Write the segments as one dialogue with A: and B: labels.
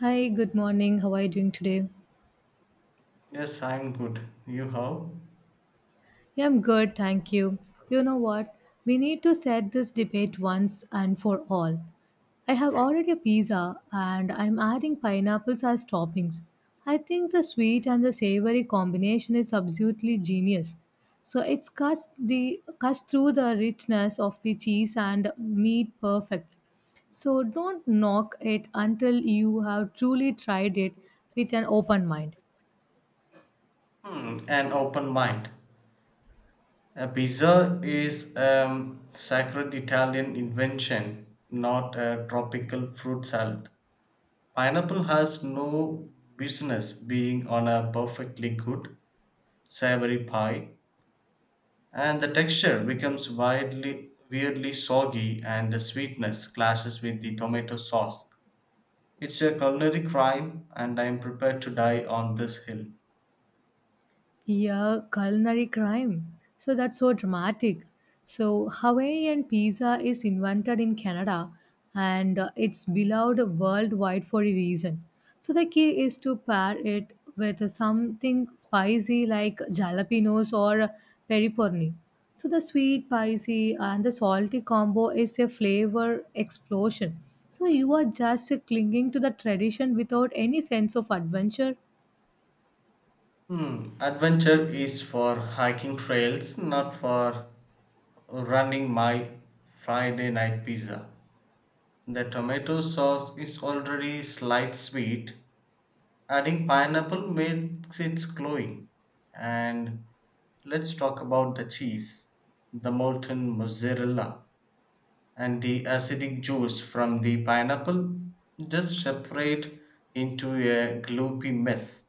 A: Hi, good morning. How are you doing today?
B: Yes, I'm good. You how?
A: Yeah, I'm good, thank you. You know what? We need to set this debate once and for all. I have
B: Okay.
A: ordered a pizza and I'm adding pineapples as toppings. I think the sweet and the savory combination is absolutely genius. So it cuts through the richness of the cheese and meat perfect. So don't knock it until you have truly tried it with an open mind.
B: Hmm, an open mind. A pizza is a sacred Italian invention, not a tropical fruit salad. Pineapple has no business being on a perfectly good, savory pie, and the texture becomes widely, weirdly soggy, and the sweetness clashes with the tomato sauce. It's a culinary crime, and I'm prepared to die on this hill.
A: Yeah, culinary crime. So that's so dramatic. So Hawaiian pizza is invented in Canada and it's beloved worldwide for a reason. So the key is to pair it with something spicy like jalapenos or pepperoni. So the sweet, spicy and the salty combo is a flavor explosion. So you are just clinging to the tradition without any sense of adventure.
B: Hmm. Adventure is for hiking trails, not for running my Friday night pizza. The tomato sauce is already slight sweet. Adding pineapple makes it glowing. And let's talk about the cheese, the molten mozzarella, and the acidic juice from the pineapple. Just separate into a gloopy mess.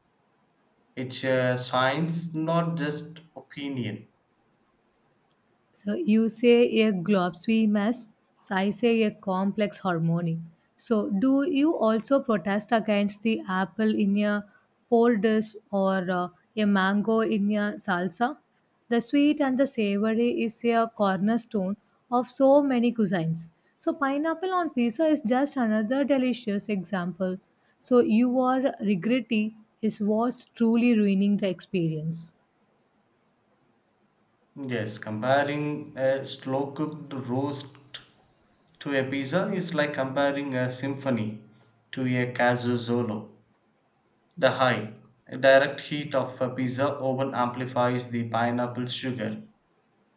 B: It's a science, not just opinion.
A: So you say a globsy mess, so I say a complex harmony. So do you also protest against the apple in a poor dish or a mango in a salsa? The sweet and the savory is a cornerstone of so many cuisines. So pineapple on pizza is just another delicious example. So your regretty is what's truly ruining the experience.
B: Yes, comparing a slow cooked roast to a pizza is like comparing a symphony to a casuzzolo. The high, direct heat of a pizza oven amplifies the pineapple sugar,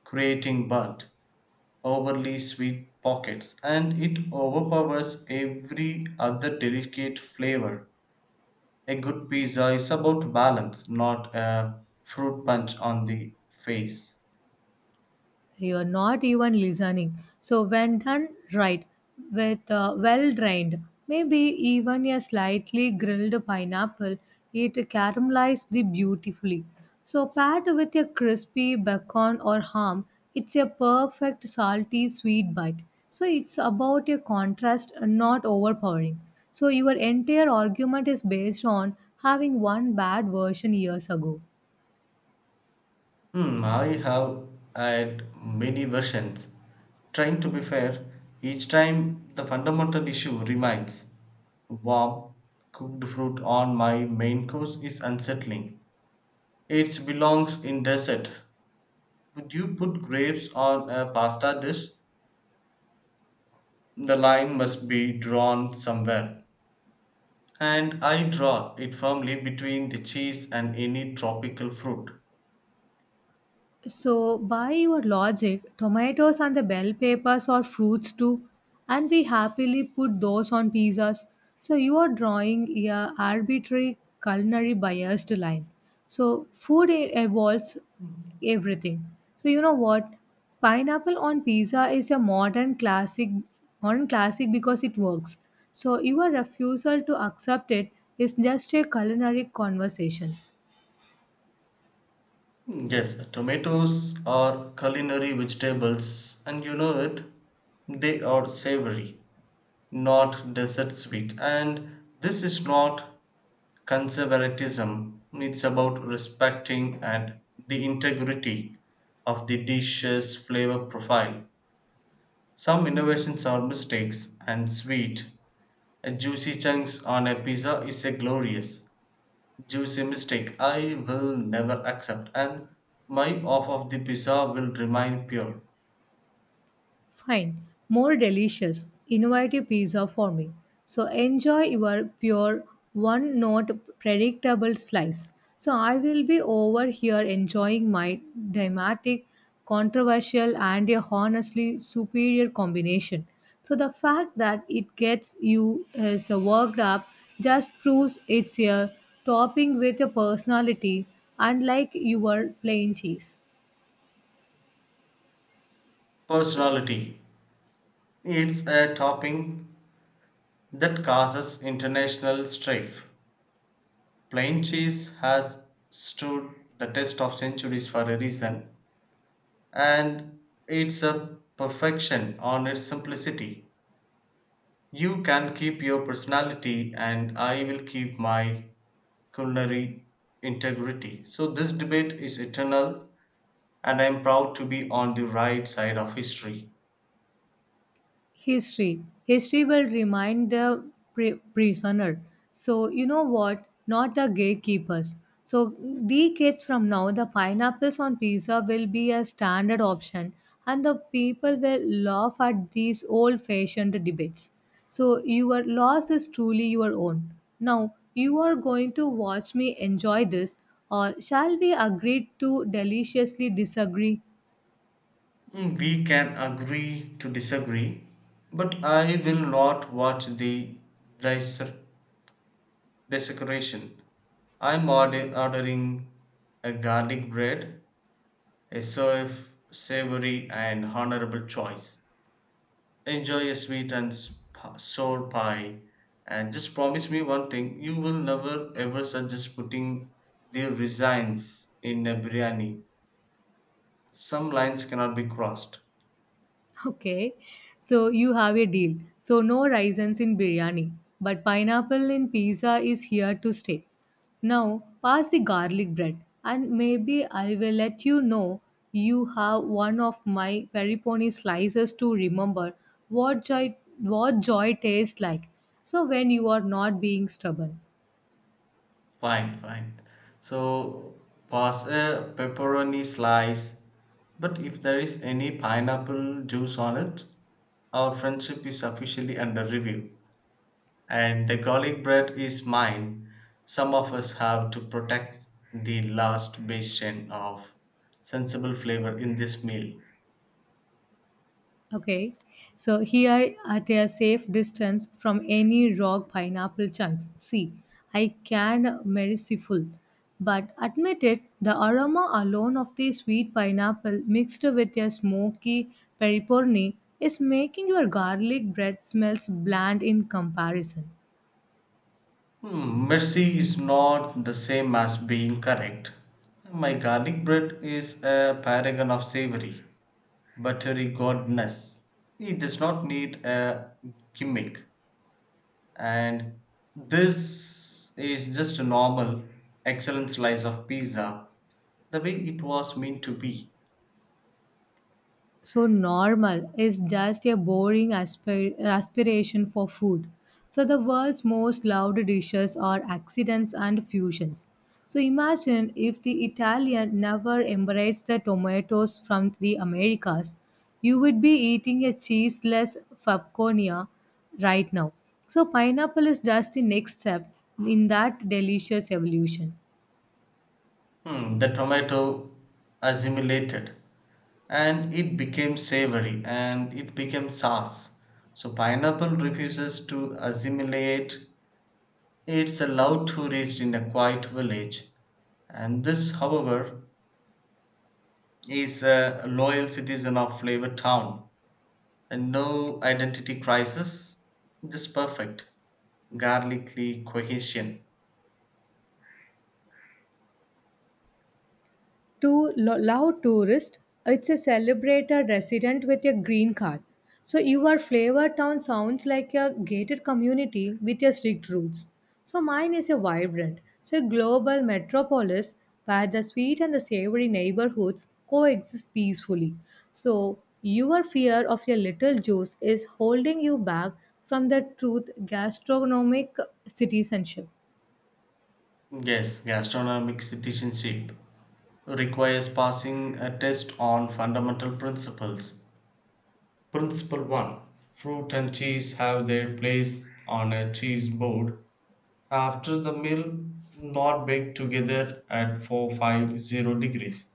B: creating burnt, overly sweet pockets, and it overpowers every other delicate flavor. A good pizza is about balance, not a fruit punch on the face.
A: You're not even listening. So when done right, with well drained, maybe even a slightly grilled pineapple, it caramelizes the beautifully. So paired with a crispy bacon or ham, it's a perfect salty sweet bite. So it's about a contrast, not overpowering. So your entire argument is based on having one bad version years ago.
B: Hmm, I have had many versions. Trying to be fair, each time the fundamental issue remains. Warm, cooked fruit on my main course is unsettling. It belongs in dessert. Would you put grapes on a pasta dish? The line must be drawn somewhere. And I draw it firmly between the cheese and any tropical fruit.
A: So, by your logic, tomatoes and the bell peppers are fruits too, and we happily put those on pizzas. So, you are drawing a arbitrary culinary biased line. So, food evolves everything. So, you know what? Pineapple on pizza is a modern classic because it works. So, your refusal to accept it is just a culinary conversation.
B: Mm, yes, tomatoes are culinary vegetables, and you know it. They are savory, not dessert sweet. And this is not conservatism, it's about respecting and the integrity of the dish's flavor profile. Some innovations are mistakes and sweet. A juicy chunks on a pizza is a glorious. Jews a mistake I will never accept, and my off of the pizza will remain pure.
A: Fine, more delicious, innovative pizza for me. So enjoy your pure, one note predictable slice. So I will be over here enjoying my dramatic, controversial, and a honestly superior combination. So the fact that it gets you so worked up just proves it's a topping with a personality, unlike your plain cheese.
B: Personality. It's a topping that causes international strife. Plain cheese has stood the test of centuries for a reason, and it's a perfection on its simplicity. You can keep your personality, and I will keep my culinary integrity. So, this debate is eternal and I'm proud to be on the right side of history.
A: History will remind the prisoner. So you know what, not the gatekeepers. So decades from now, the pineapples on pizza will be a standard option, and the people will laugh at these old fashioned debates. So your loss is truly your own. Now you are going to watch me enjoy this, or shall we agree to deliciously disagree?
B: Mm, we can agree to disagree, but I will not watch the dissec- desecration. I'm ordering a garlic bread, a serve savory and honorable choice. Enjoy a sweet and sour pie, and just promise me one thing: you will never ever suggest putting the resigns in a biryani. Some lines cannot be crossed.
A: Okay, so you have a deal. So no raisins in biryani, but pineapple in pizza is here to stay. Now pass the garlic bread, and maybe I will let you know you have one of my pepperoni slices to remember what joy what joy tastes like. So when you are not being stubborn.
B: Fine. So pass a pepperoni slice, but if there is any pineapple juice on it, our friendship is officially under review. And the garlic bread is mine. Some of us have to protect the last bastion of sensible flavor in this meal.
A: Okay, so here at a safe distance from any rock pineapple chunks. See, I can merciful, but admit it, the aroma alone of the sweet pineapple mixed with a smoky pepperoni is making your garlic bread smells bland in comparison.
B: Hmm, mercy is not the same as being correct. My garlic bread is a paragon of savory, buttery goodness. It does not need a gimmick. And this is just a normal excellent slice of pizza, the way it was meant to be.
A: So normal is just a boring aspiration for food. So the world's most loved dishes are accidents and fusions. So imagine if the Italian never embraced the tomatoes from the Americas, you would be eating a cheeseless fabconia right now. So pineapple is just the next step in that delicious evolution.
B: Hmm, the tomato assimilated and it became savory and it became sauce. So pineapple refuses to assimilate. It's allowed to rest in a quiet village. And this, however, is a loyal citizen of Flavor Town and no identity crisis, just perfect garlicky cohesion.
A: To Lao tourist, it's a celebrated resident with a green card. So your flavor town sounds like a gated community with a strict rules. So mine is a vibrant, so global metropolis where the sweet and the savory neighborhoods coexist peacefully. So your fear of your little juice is holding you back from the truth gastronomic citizenship.
B: Yes, gastronomic citizenship requires passing a test on fundamental principles. Principle 1: fruit and cheese have their place on a cheese board. After the meal, not baked together at 450 degrees.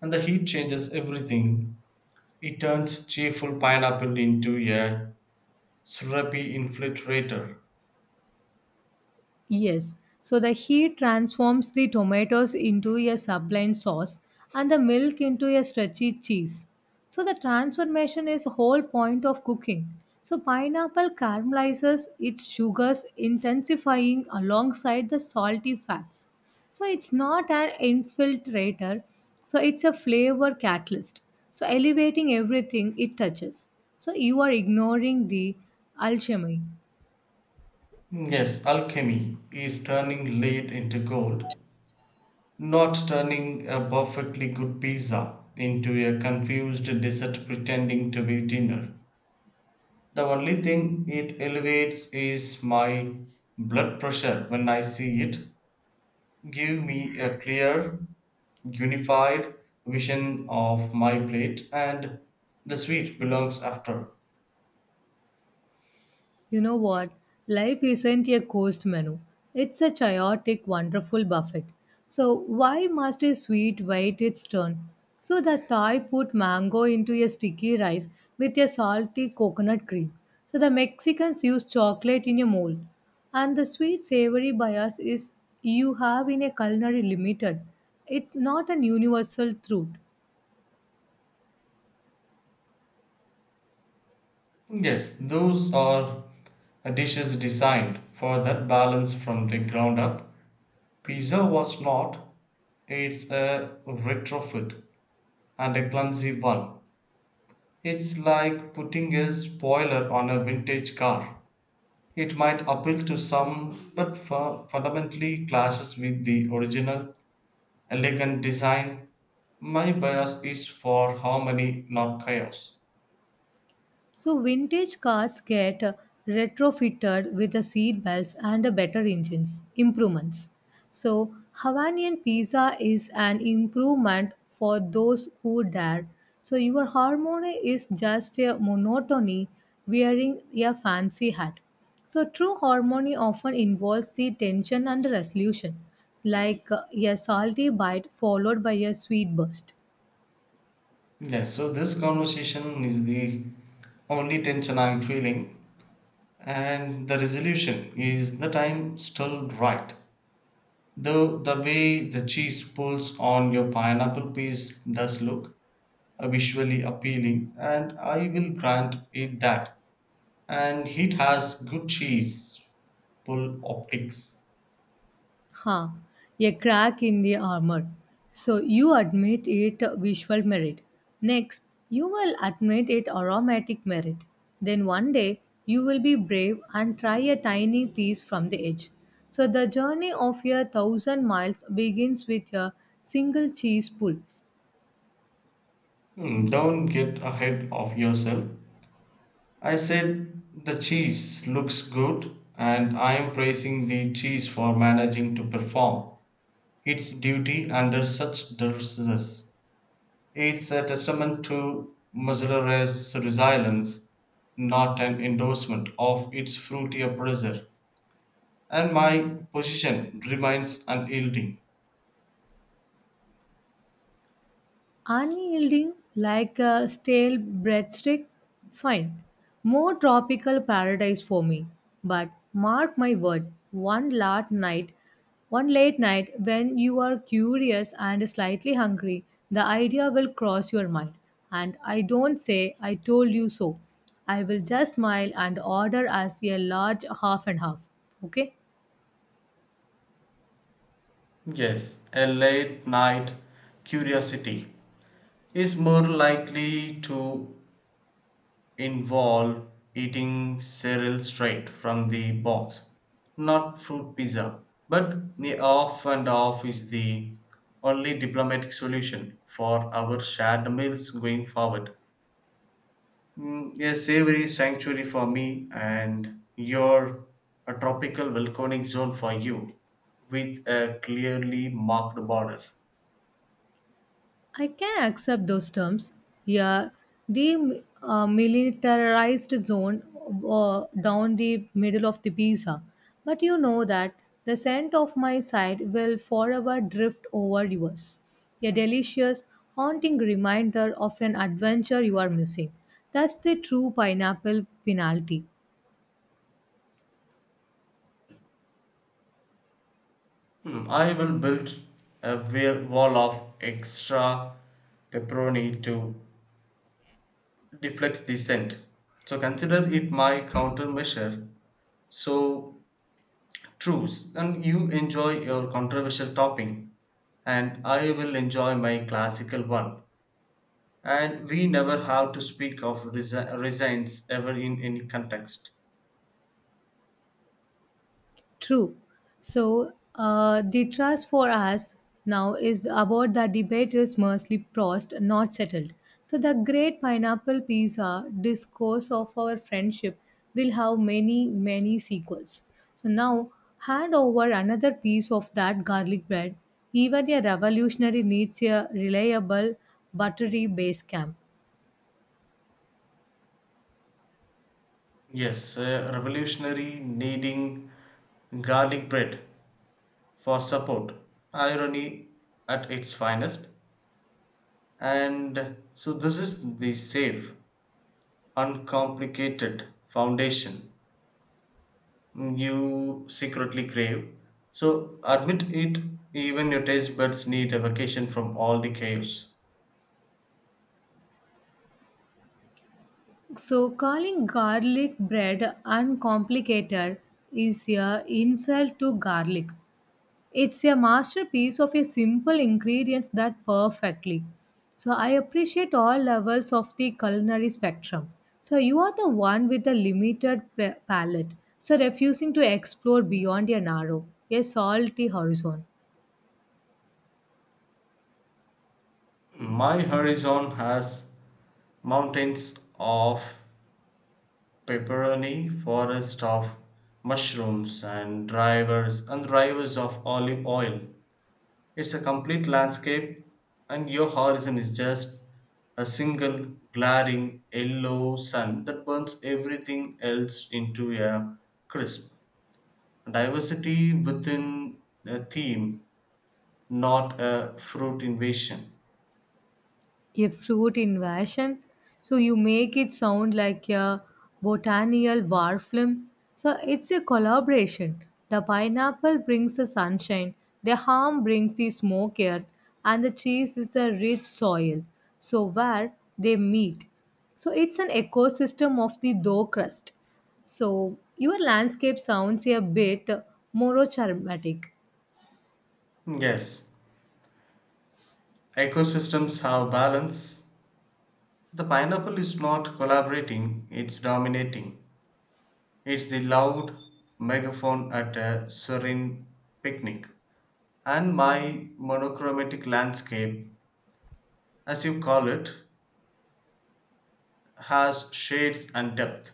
B: And the heat changes everything. It turns cheerful pineapple into a syrupy infiltrator.
A: Yes. So the heat transforms the tomatoes into a sublime sauce and the milk into a stretchy cheese. So the transformation is whole point of cooking. So pineapple caramelizes its sugars intensifying alongside the salty fats. So it's not an infiltrator, so it's a flavor catalyst. So elevating everything it touches. So you are ignoring the alchemy.
B: Yes, alchemy is turning lead into gold, not turning a perfectly good pizza into a confused dessert pretending to be dinner. The only thing it elevates is my blood pressure when I see it. Give me a clear, unified vision of my plate, and the sweet belongs after.
A: You know what? Life isn't a coast menu. It's a chaotic, wonderful buffet. So why must a sweet wait its turn? So the Thai put mango into a sticky rice with a salty coconut cream. So the Mexicans use chocolate in a mold. And the sweet savory bias is you have in a culinary limited. It's not an universal truth.
B: Yes, those are dishes designed for that balance from the ground up. Pizza was not. It's a retrofit and a clumsy one. It's like putting a spoiler on a vintage car. It might appeal to some, but fundamentally clashes with the original elegant design. My bias is for harmony, not chaos.
A: So vintage cars get retrofitted with the seat belts and the better engines improvements. So Hawaiian pizza is an improvement for those who dare. So your harmony is just a monotony wearing a fancy hat. So true harmony often involves the tension and the resolution, like a salty bite followed by a sweet burst.
B: Yes, so this conversation is the only tension I'm feeling, and the resolution is the time still right. Though the way the cheese pulls on your pineapple piece does look visually appealing, and I will grant it that. And it has good cheese pull optics.
A: Huh, a crack in the armor. So you admit it visual merit. Next, you will admit it aromatic merit. Then one day, you will be brave and try a tiny piece from the edge. So the journey of your thousand miles begins with a single cheese pull.
B: Hmm, don't get ahead of yourself. I said the cheese looks good, and I am praising the cheese for managing to perform its duty under such duress. It's a testament to Mozzarella's resilience, not an endorsement of its fruity oppressor. And my position remains unyielding.
A: Unyielding like a stale breadstick? Fine. More tropical paradise for me. But mark my word, one late night when you are curious and slightly hungry, the idea will cross your mind. And I don't say I told you so. I will just smile and order as a large half and half. Okay?
B: Yes, a late night curiosity is more likely to involve eating cereal straight from the box, not fruit pizza. But the off and off is the only diplomatic solution for our shared meals going forward. Mm, a savory sanctuary for me and your a tropical volcanic zone for you with a clearly marked border.
A: I can accept those terms. Yeah, the militarized zone down the middle of the Pisa. But you know that the scent of my side will forever drift over yours. A delicious, haunting reminder of an adventure you are missing. That's the true pineapple penalty.
B: Hmm, I will build a wall of extra pepperoni to deflects the scent. So consider it my countermeasure. So choose, and you enjoy your controversial topping, and I will enjoy my classical one. And we never have to speak of resigns ever in any context.
A: True. So the trust for us now is about the debate is mostly prost, not settled. So the great pineapple pizza discourse of our friendship will have many, many sequels. So now hand over another piece of that garlic bread. Even a revolutionary needs a reliable buttery base camp.
B: Yes, a revolutionary needing garlic bread for support. Irony at its finest. And so this is the safe uncomplicated foundation you secretly crave. So admit it, even your taste buds need a vacation from all the chaos.
A: So calling garlic bread uncomplicated is a insult to garlic. It's a masterpiece of a simple ingredients that perfectly. So I appreciate all levels of the culinary spectrum. So you are the one with a limited palate, so refusing to explore beyond your narrow, a salty horizon.
B: My horizon has mountains of pepperoni, forest of mushrooms, and drivers of olive oil. It's a complete landscape, and your horizon is just a single glaring yellow sun that burns everything else into a crisp. Diversity within a theme, not a fruit invasion.
A: A fruit invasion. So you make it sound like a botanical war film. So it's a collaboration. The pineapple brings the sunshine, the ham brings the smoke earth, and the cheese is the rich soil. So where they meet. So it's an ecosystem of the dough crust. So your landscape sounds a bit more charismatic.
B: Yes, ecosystems have balance. The pineapple is not collaborating, it's dominating. It's the loud megaphone at a serene picnic. And my monochromatic landscape, as you call it, has shades and depth.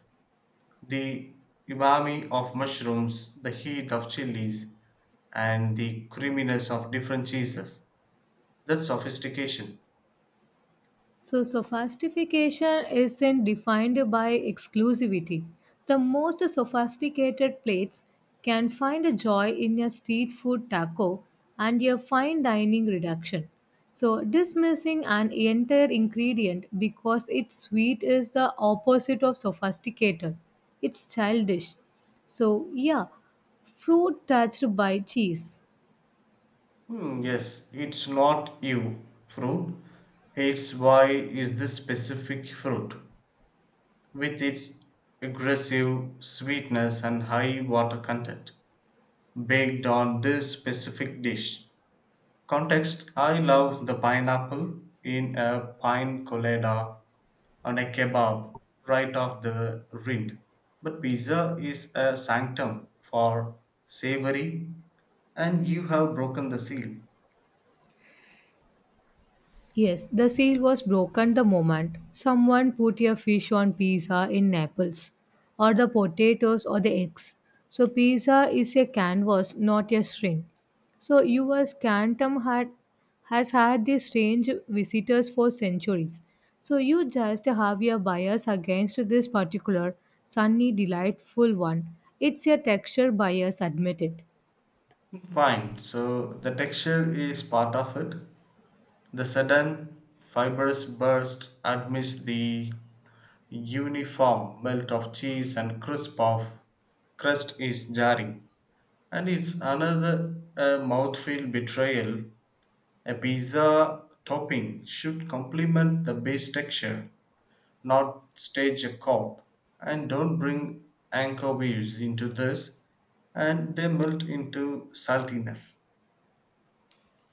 B: The umami of mushrooms, the heat of chilies, and the creaminess of different cheeses. That's sophistication.
A: So, sophistication isn't defined by exclusivity. The most sophisticated plates can find a joy in your street food taco and your fine dining reduction. So, dismissing an entire ingredient because it's sweet is the opposite of sophisticated. It's childish. So, yeah, fruit touched by cheese.
B: Hmm, yes, it's not you fruit. It's why is this specific fruit with its aggressive sweetness and high water content baked on this specific dish. Context: I love the pineapple in a pine colada, on a kebab, right off the rind. But pizza is a sanctum for savory and you have broken the seal.
A: Yes, the seal was broken the moment someone put a fish on pizza in Naples, or the potatoes or the eggs. So, pizza is a canvas, not a string. So, has had these strange visitors for centuries. So, you just have your bias against this particular sunny, delightful one. It's a texture bias, admit it.
B: Fine, so the texture is part of it. The sudden fibrous burst amidst the uniform melt of cheese and crisp of crust is jarring. And it's another mouthfeel betrayal. A pizza topping should complement the base texture, not stage a cop. And don't bring anchovies into this, and they melt into saltiness.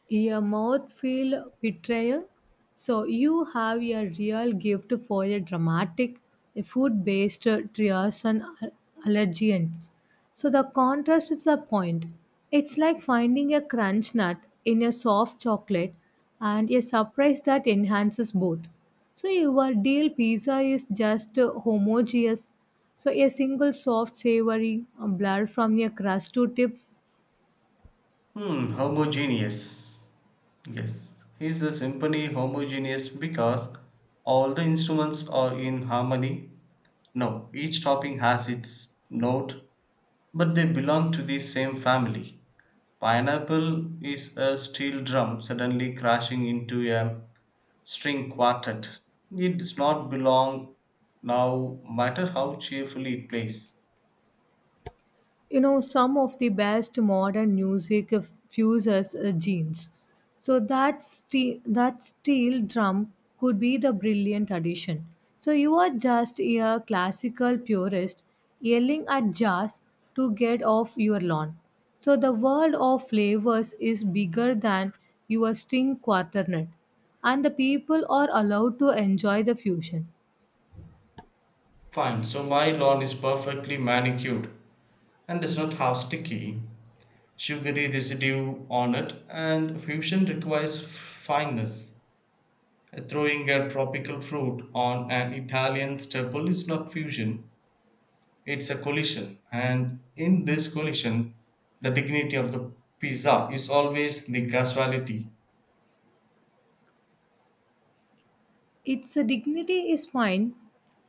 A: Your mouth feel betrayal. So you have a real gift for a dramatic, food-based trias and allergens. So the contrast is the point. It's like finding a crunch nut in a soft chocolate and a surprise that enhances both. So your deal pizza is just homogeneous. So a single soft savory blur from your crust to tip.
B: Hmm, homogeneous. Yes, he's a symphony homogeneous because all the instruments are in harmony. No, each topping has its note but they belong to the same family. Pineapple is a steel drum suddenly crashing into a string quartet. It does not belong, now matter how cheerfully it plays.
A: You know, some of the best modern music fuses genes. So that steel drum could be the brilliant addition. So you are just a classical purist yelling at jazz to get off your lawn. So the world of flavors is bigger than your string quartet, and the people are allowed to enjoy the fusion.
B: Fine, so my lawn is perfectly manicured and does not have sticky, sugary residue on it, and fusion requires fineness. Throwing a tropical fruit on an Italian staple is not fusion, it's a collision, and in this collision, the dignity of the pizza is always the casualty.
A: Its dignity is fine,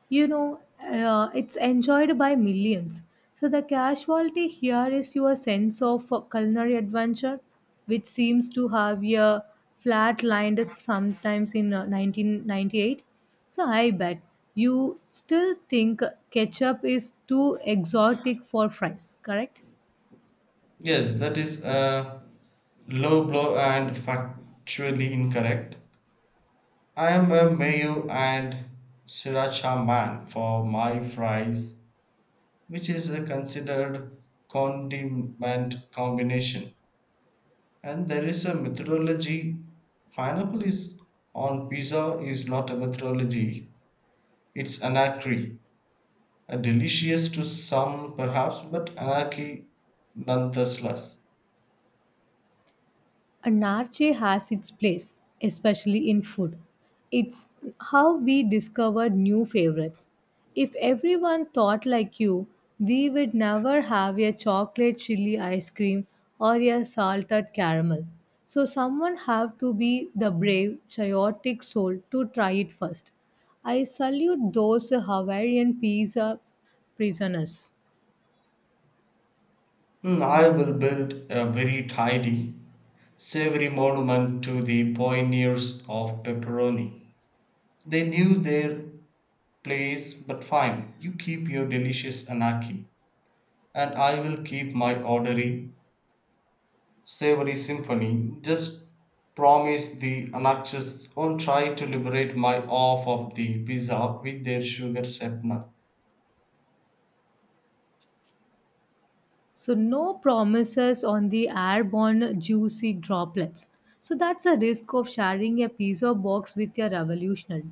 A: you know, it's enjoyed by millions. So the casualty here is your sense of culinary adventure, which seems to have a flat lined sometimes in 1998. So I bet you still think ketchup is too exotic for fries, correct?
B: Yes, that is a low blow and factually incorrect. I am a mayo and sriracha man for my fries, which is a considered condiment combination. And there is a methodology. Pineapple is on pizza is not a methodology. It's anarchy. Delicious to some perhaps, but anarchy nonetheless.
A: Anarchy has its place, especially in food. It's how we discover new favorites. If everyone thought like you, we would never have a chocolate chili ice cream or a salted caramel. So someone have to be the brave, chaotic soul to try it first. I salute those Hawaiian pizza prisoners.
B: Hmm, I will build a very tidy, savory monument to the pioneers of pepperoni. They knew their place, but fine, you keep your delicious anarchy, and I will keep my orderly, savory symphony. Just promise the anarchists won't try to liberate my off of the pizza with their sugar sweetener.
A: So, no promises on the airborne juicy droplets. So, that's a risk of sharing a pizza box with your revolutionary.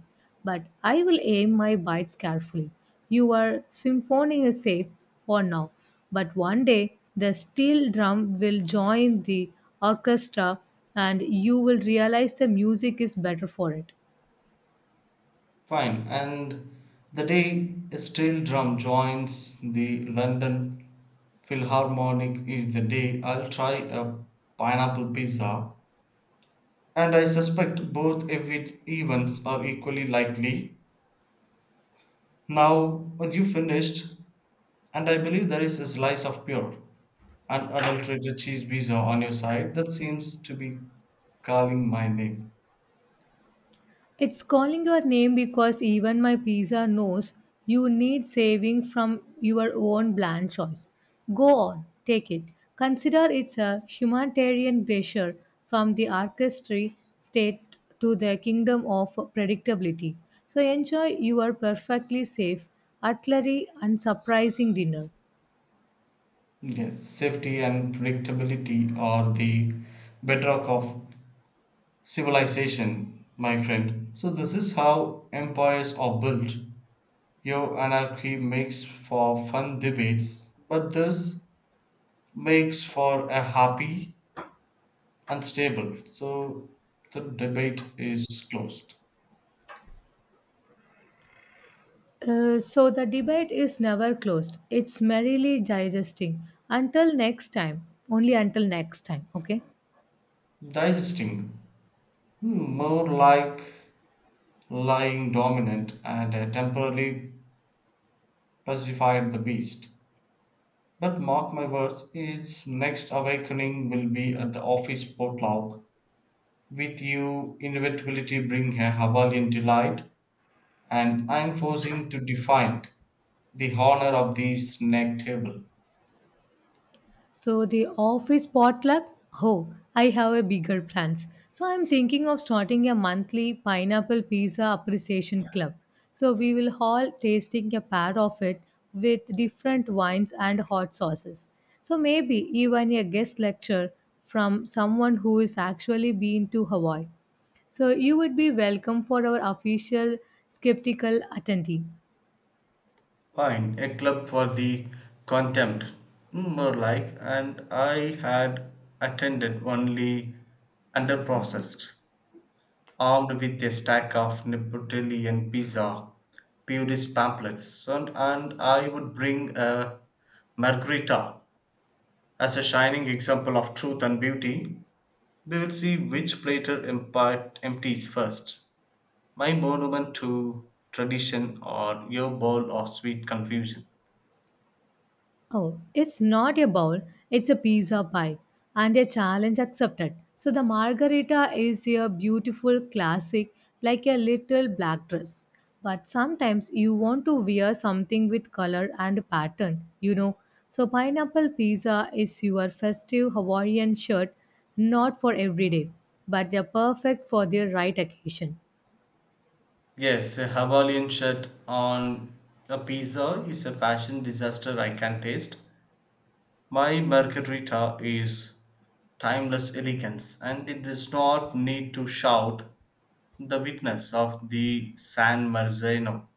A: But I will aim my bites carefully. Your symphony is safe for now. But one day, the steel drum will join the orchestra and you will realize the music is better for it.
B: Fine. And the day a steel drum joins the London Philharmonic is the day I'll try a pineapple pizza. And I suspect both events are equally likely. Now, are you finished? And I believe there is a slice of pure, unadulterated cheese pizza on your side that seems to be calling my name.
A: It's calling your name because even my pizza knows you need saving from your own bland choice. Go on, take it. Consider it's a humanitarian gesture from the orchestra state to the kingdom of predictability. So enjoy your perfectly safe, utterly unsurprising dinner.
B: Yes, safety and predictability are the bedrock of civilization, my friend. So, this is how empires are built. Your anarchy makes for fun debates, but this makes for a happy and stable. So, the debate is closed.
A: So the debate is never closed. It's merrily digesting. Until next time. Only until next time. Okay.
B: Digesting, hmm, more like lying dominant and temporarily pacified the beast. But mark my words, its next awakening will be at the office potluck. With you, inevitability bring a Hawaiian delight, and I'm forcing to define the honor of the snack table.
A: So the office potluck? Oh, I have a bigger plans. So I'm thinking of starting a monthly pineapple pizza appreciation club. So we will all tasting a pair of it with different wines and hot sauces. So maybe even a guest lecture from someone who is actually been to Hawaii. So you would be welcome for our official skeptical attendee.
B: Fine, a club for the contempt, mm, more like, and I had attended only underprocessed, armed with a stack of Neapolitan pizza purist pamphlets, and I would bring a margarita as a shining example of truth and beauty. We will see which platter empties first, my monument to tradition or your bowl of sweet confusion.
A: Oh, it's not a bowl, it's a pizza pie and a challenge accepted. So the margarita is a beautiful classic like a little black dress. But sometimes you want to wear something with color and pattern, you know. So pineapple pizza is your festive Hawaiian shirt, not for every day, but they're perfect for the right occasion.
B: Yes, a Hawaiian shirt on a pizza is a fashion disaster I can taste. My margarita is timeless elegance and it does not need to shout the witness of the San Marzano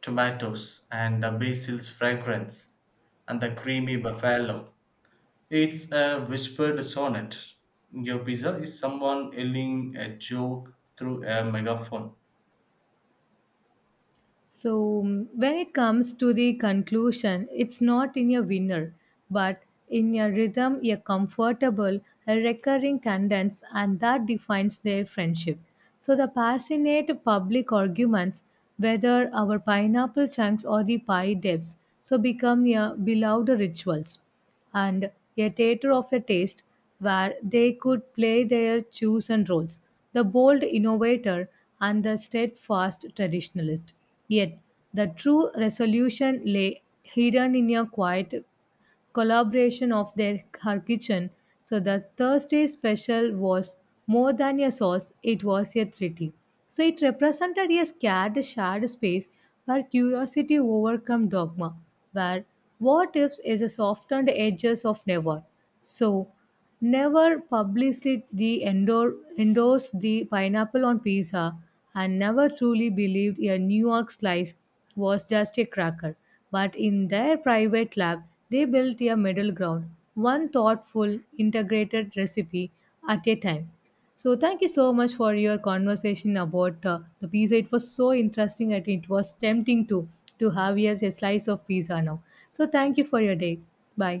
B: tomatoes and the basil's fragrance and the creamy buffalo. It's a whispered sonnet. Your pizza is someone yelling a joke through a megaphone.
A: So, mm, when it comes to the conclusion, it's not in a winner, but in a rhythm, a comfortable, a recurring cadence, and that defines their friendship. So, the passionate public arguments, whether our pineapple chunks or the pie depths, so become a beloved rituals and a theatre of a taste where they could play their chosen roles, the bold innovator and the steadfast traditionalist. Yet, the true resolution lay hidden in a quiet collaboration of their her kitchen. So the Thursday special was more than a sauce, it was a treaty. So it represented a scared shared space where curiosity overcome dogma, where what ifs is a softened edges of never. So never publicly endorsed the pineapple on pizza and never truly believed a New York slice was just a cracker. But in their private lab, they built a middle ground, one thoughtful, integrated recipe at a time. So, thank you so much for your conversation about the pizza. It was so interesting and it was tempting to have yes, a slice of pizza now. So, thank you for your day. Bye.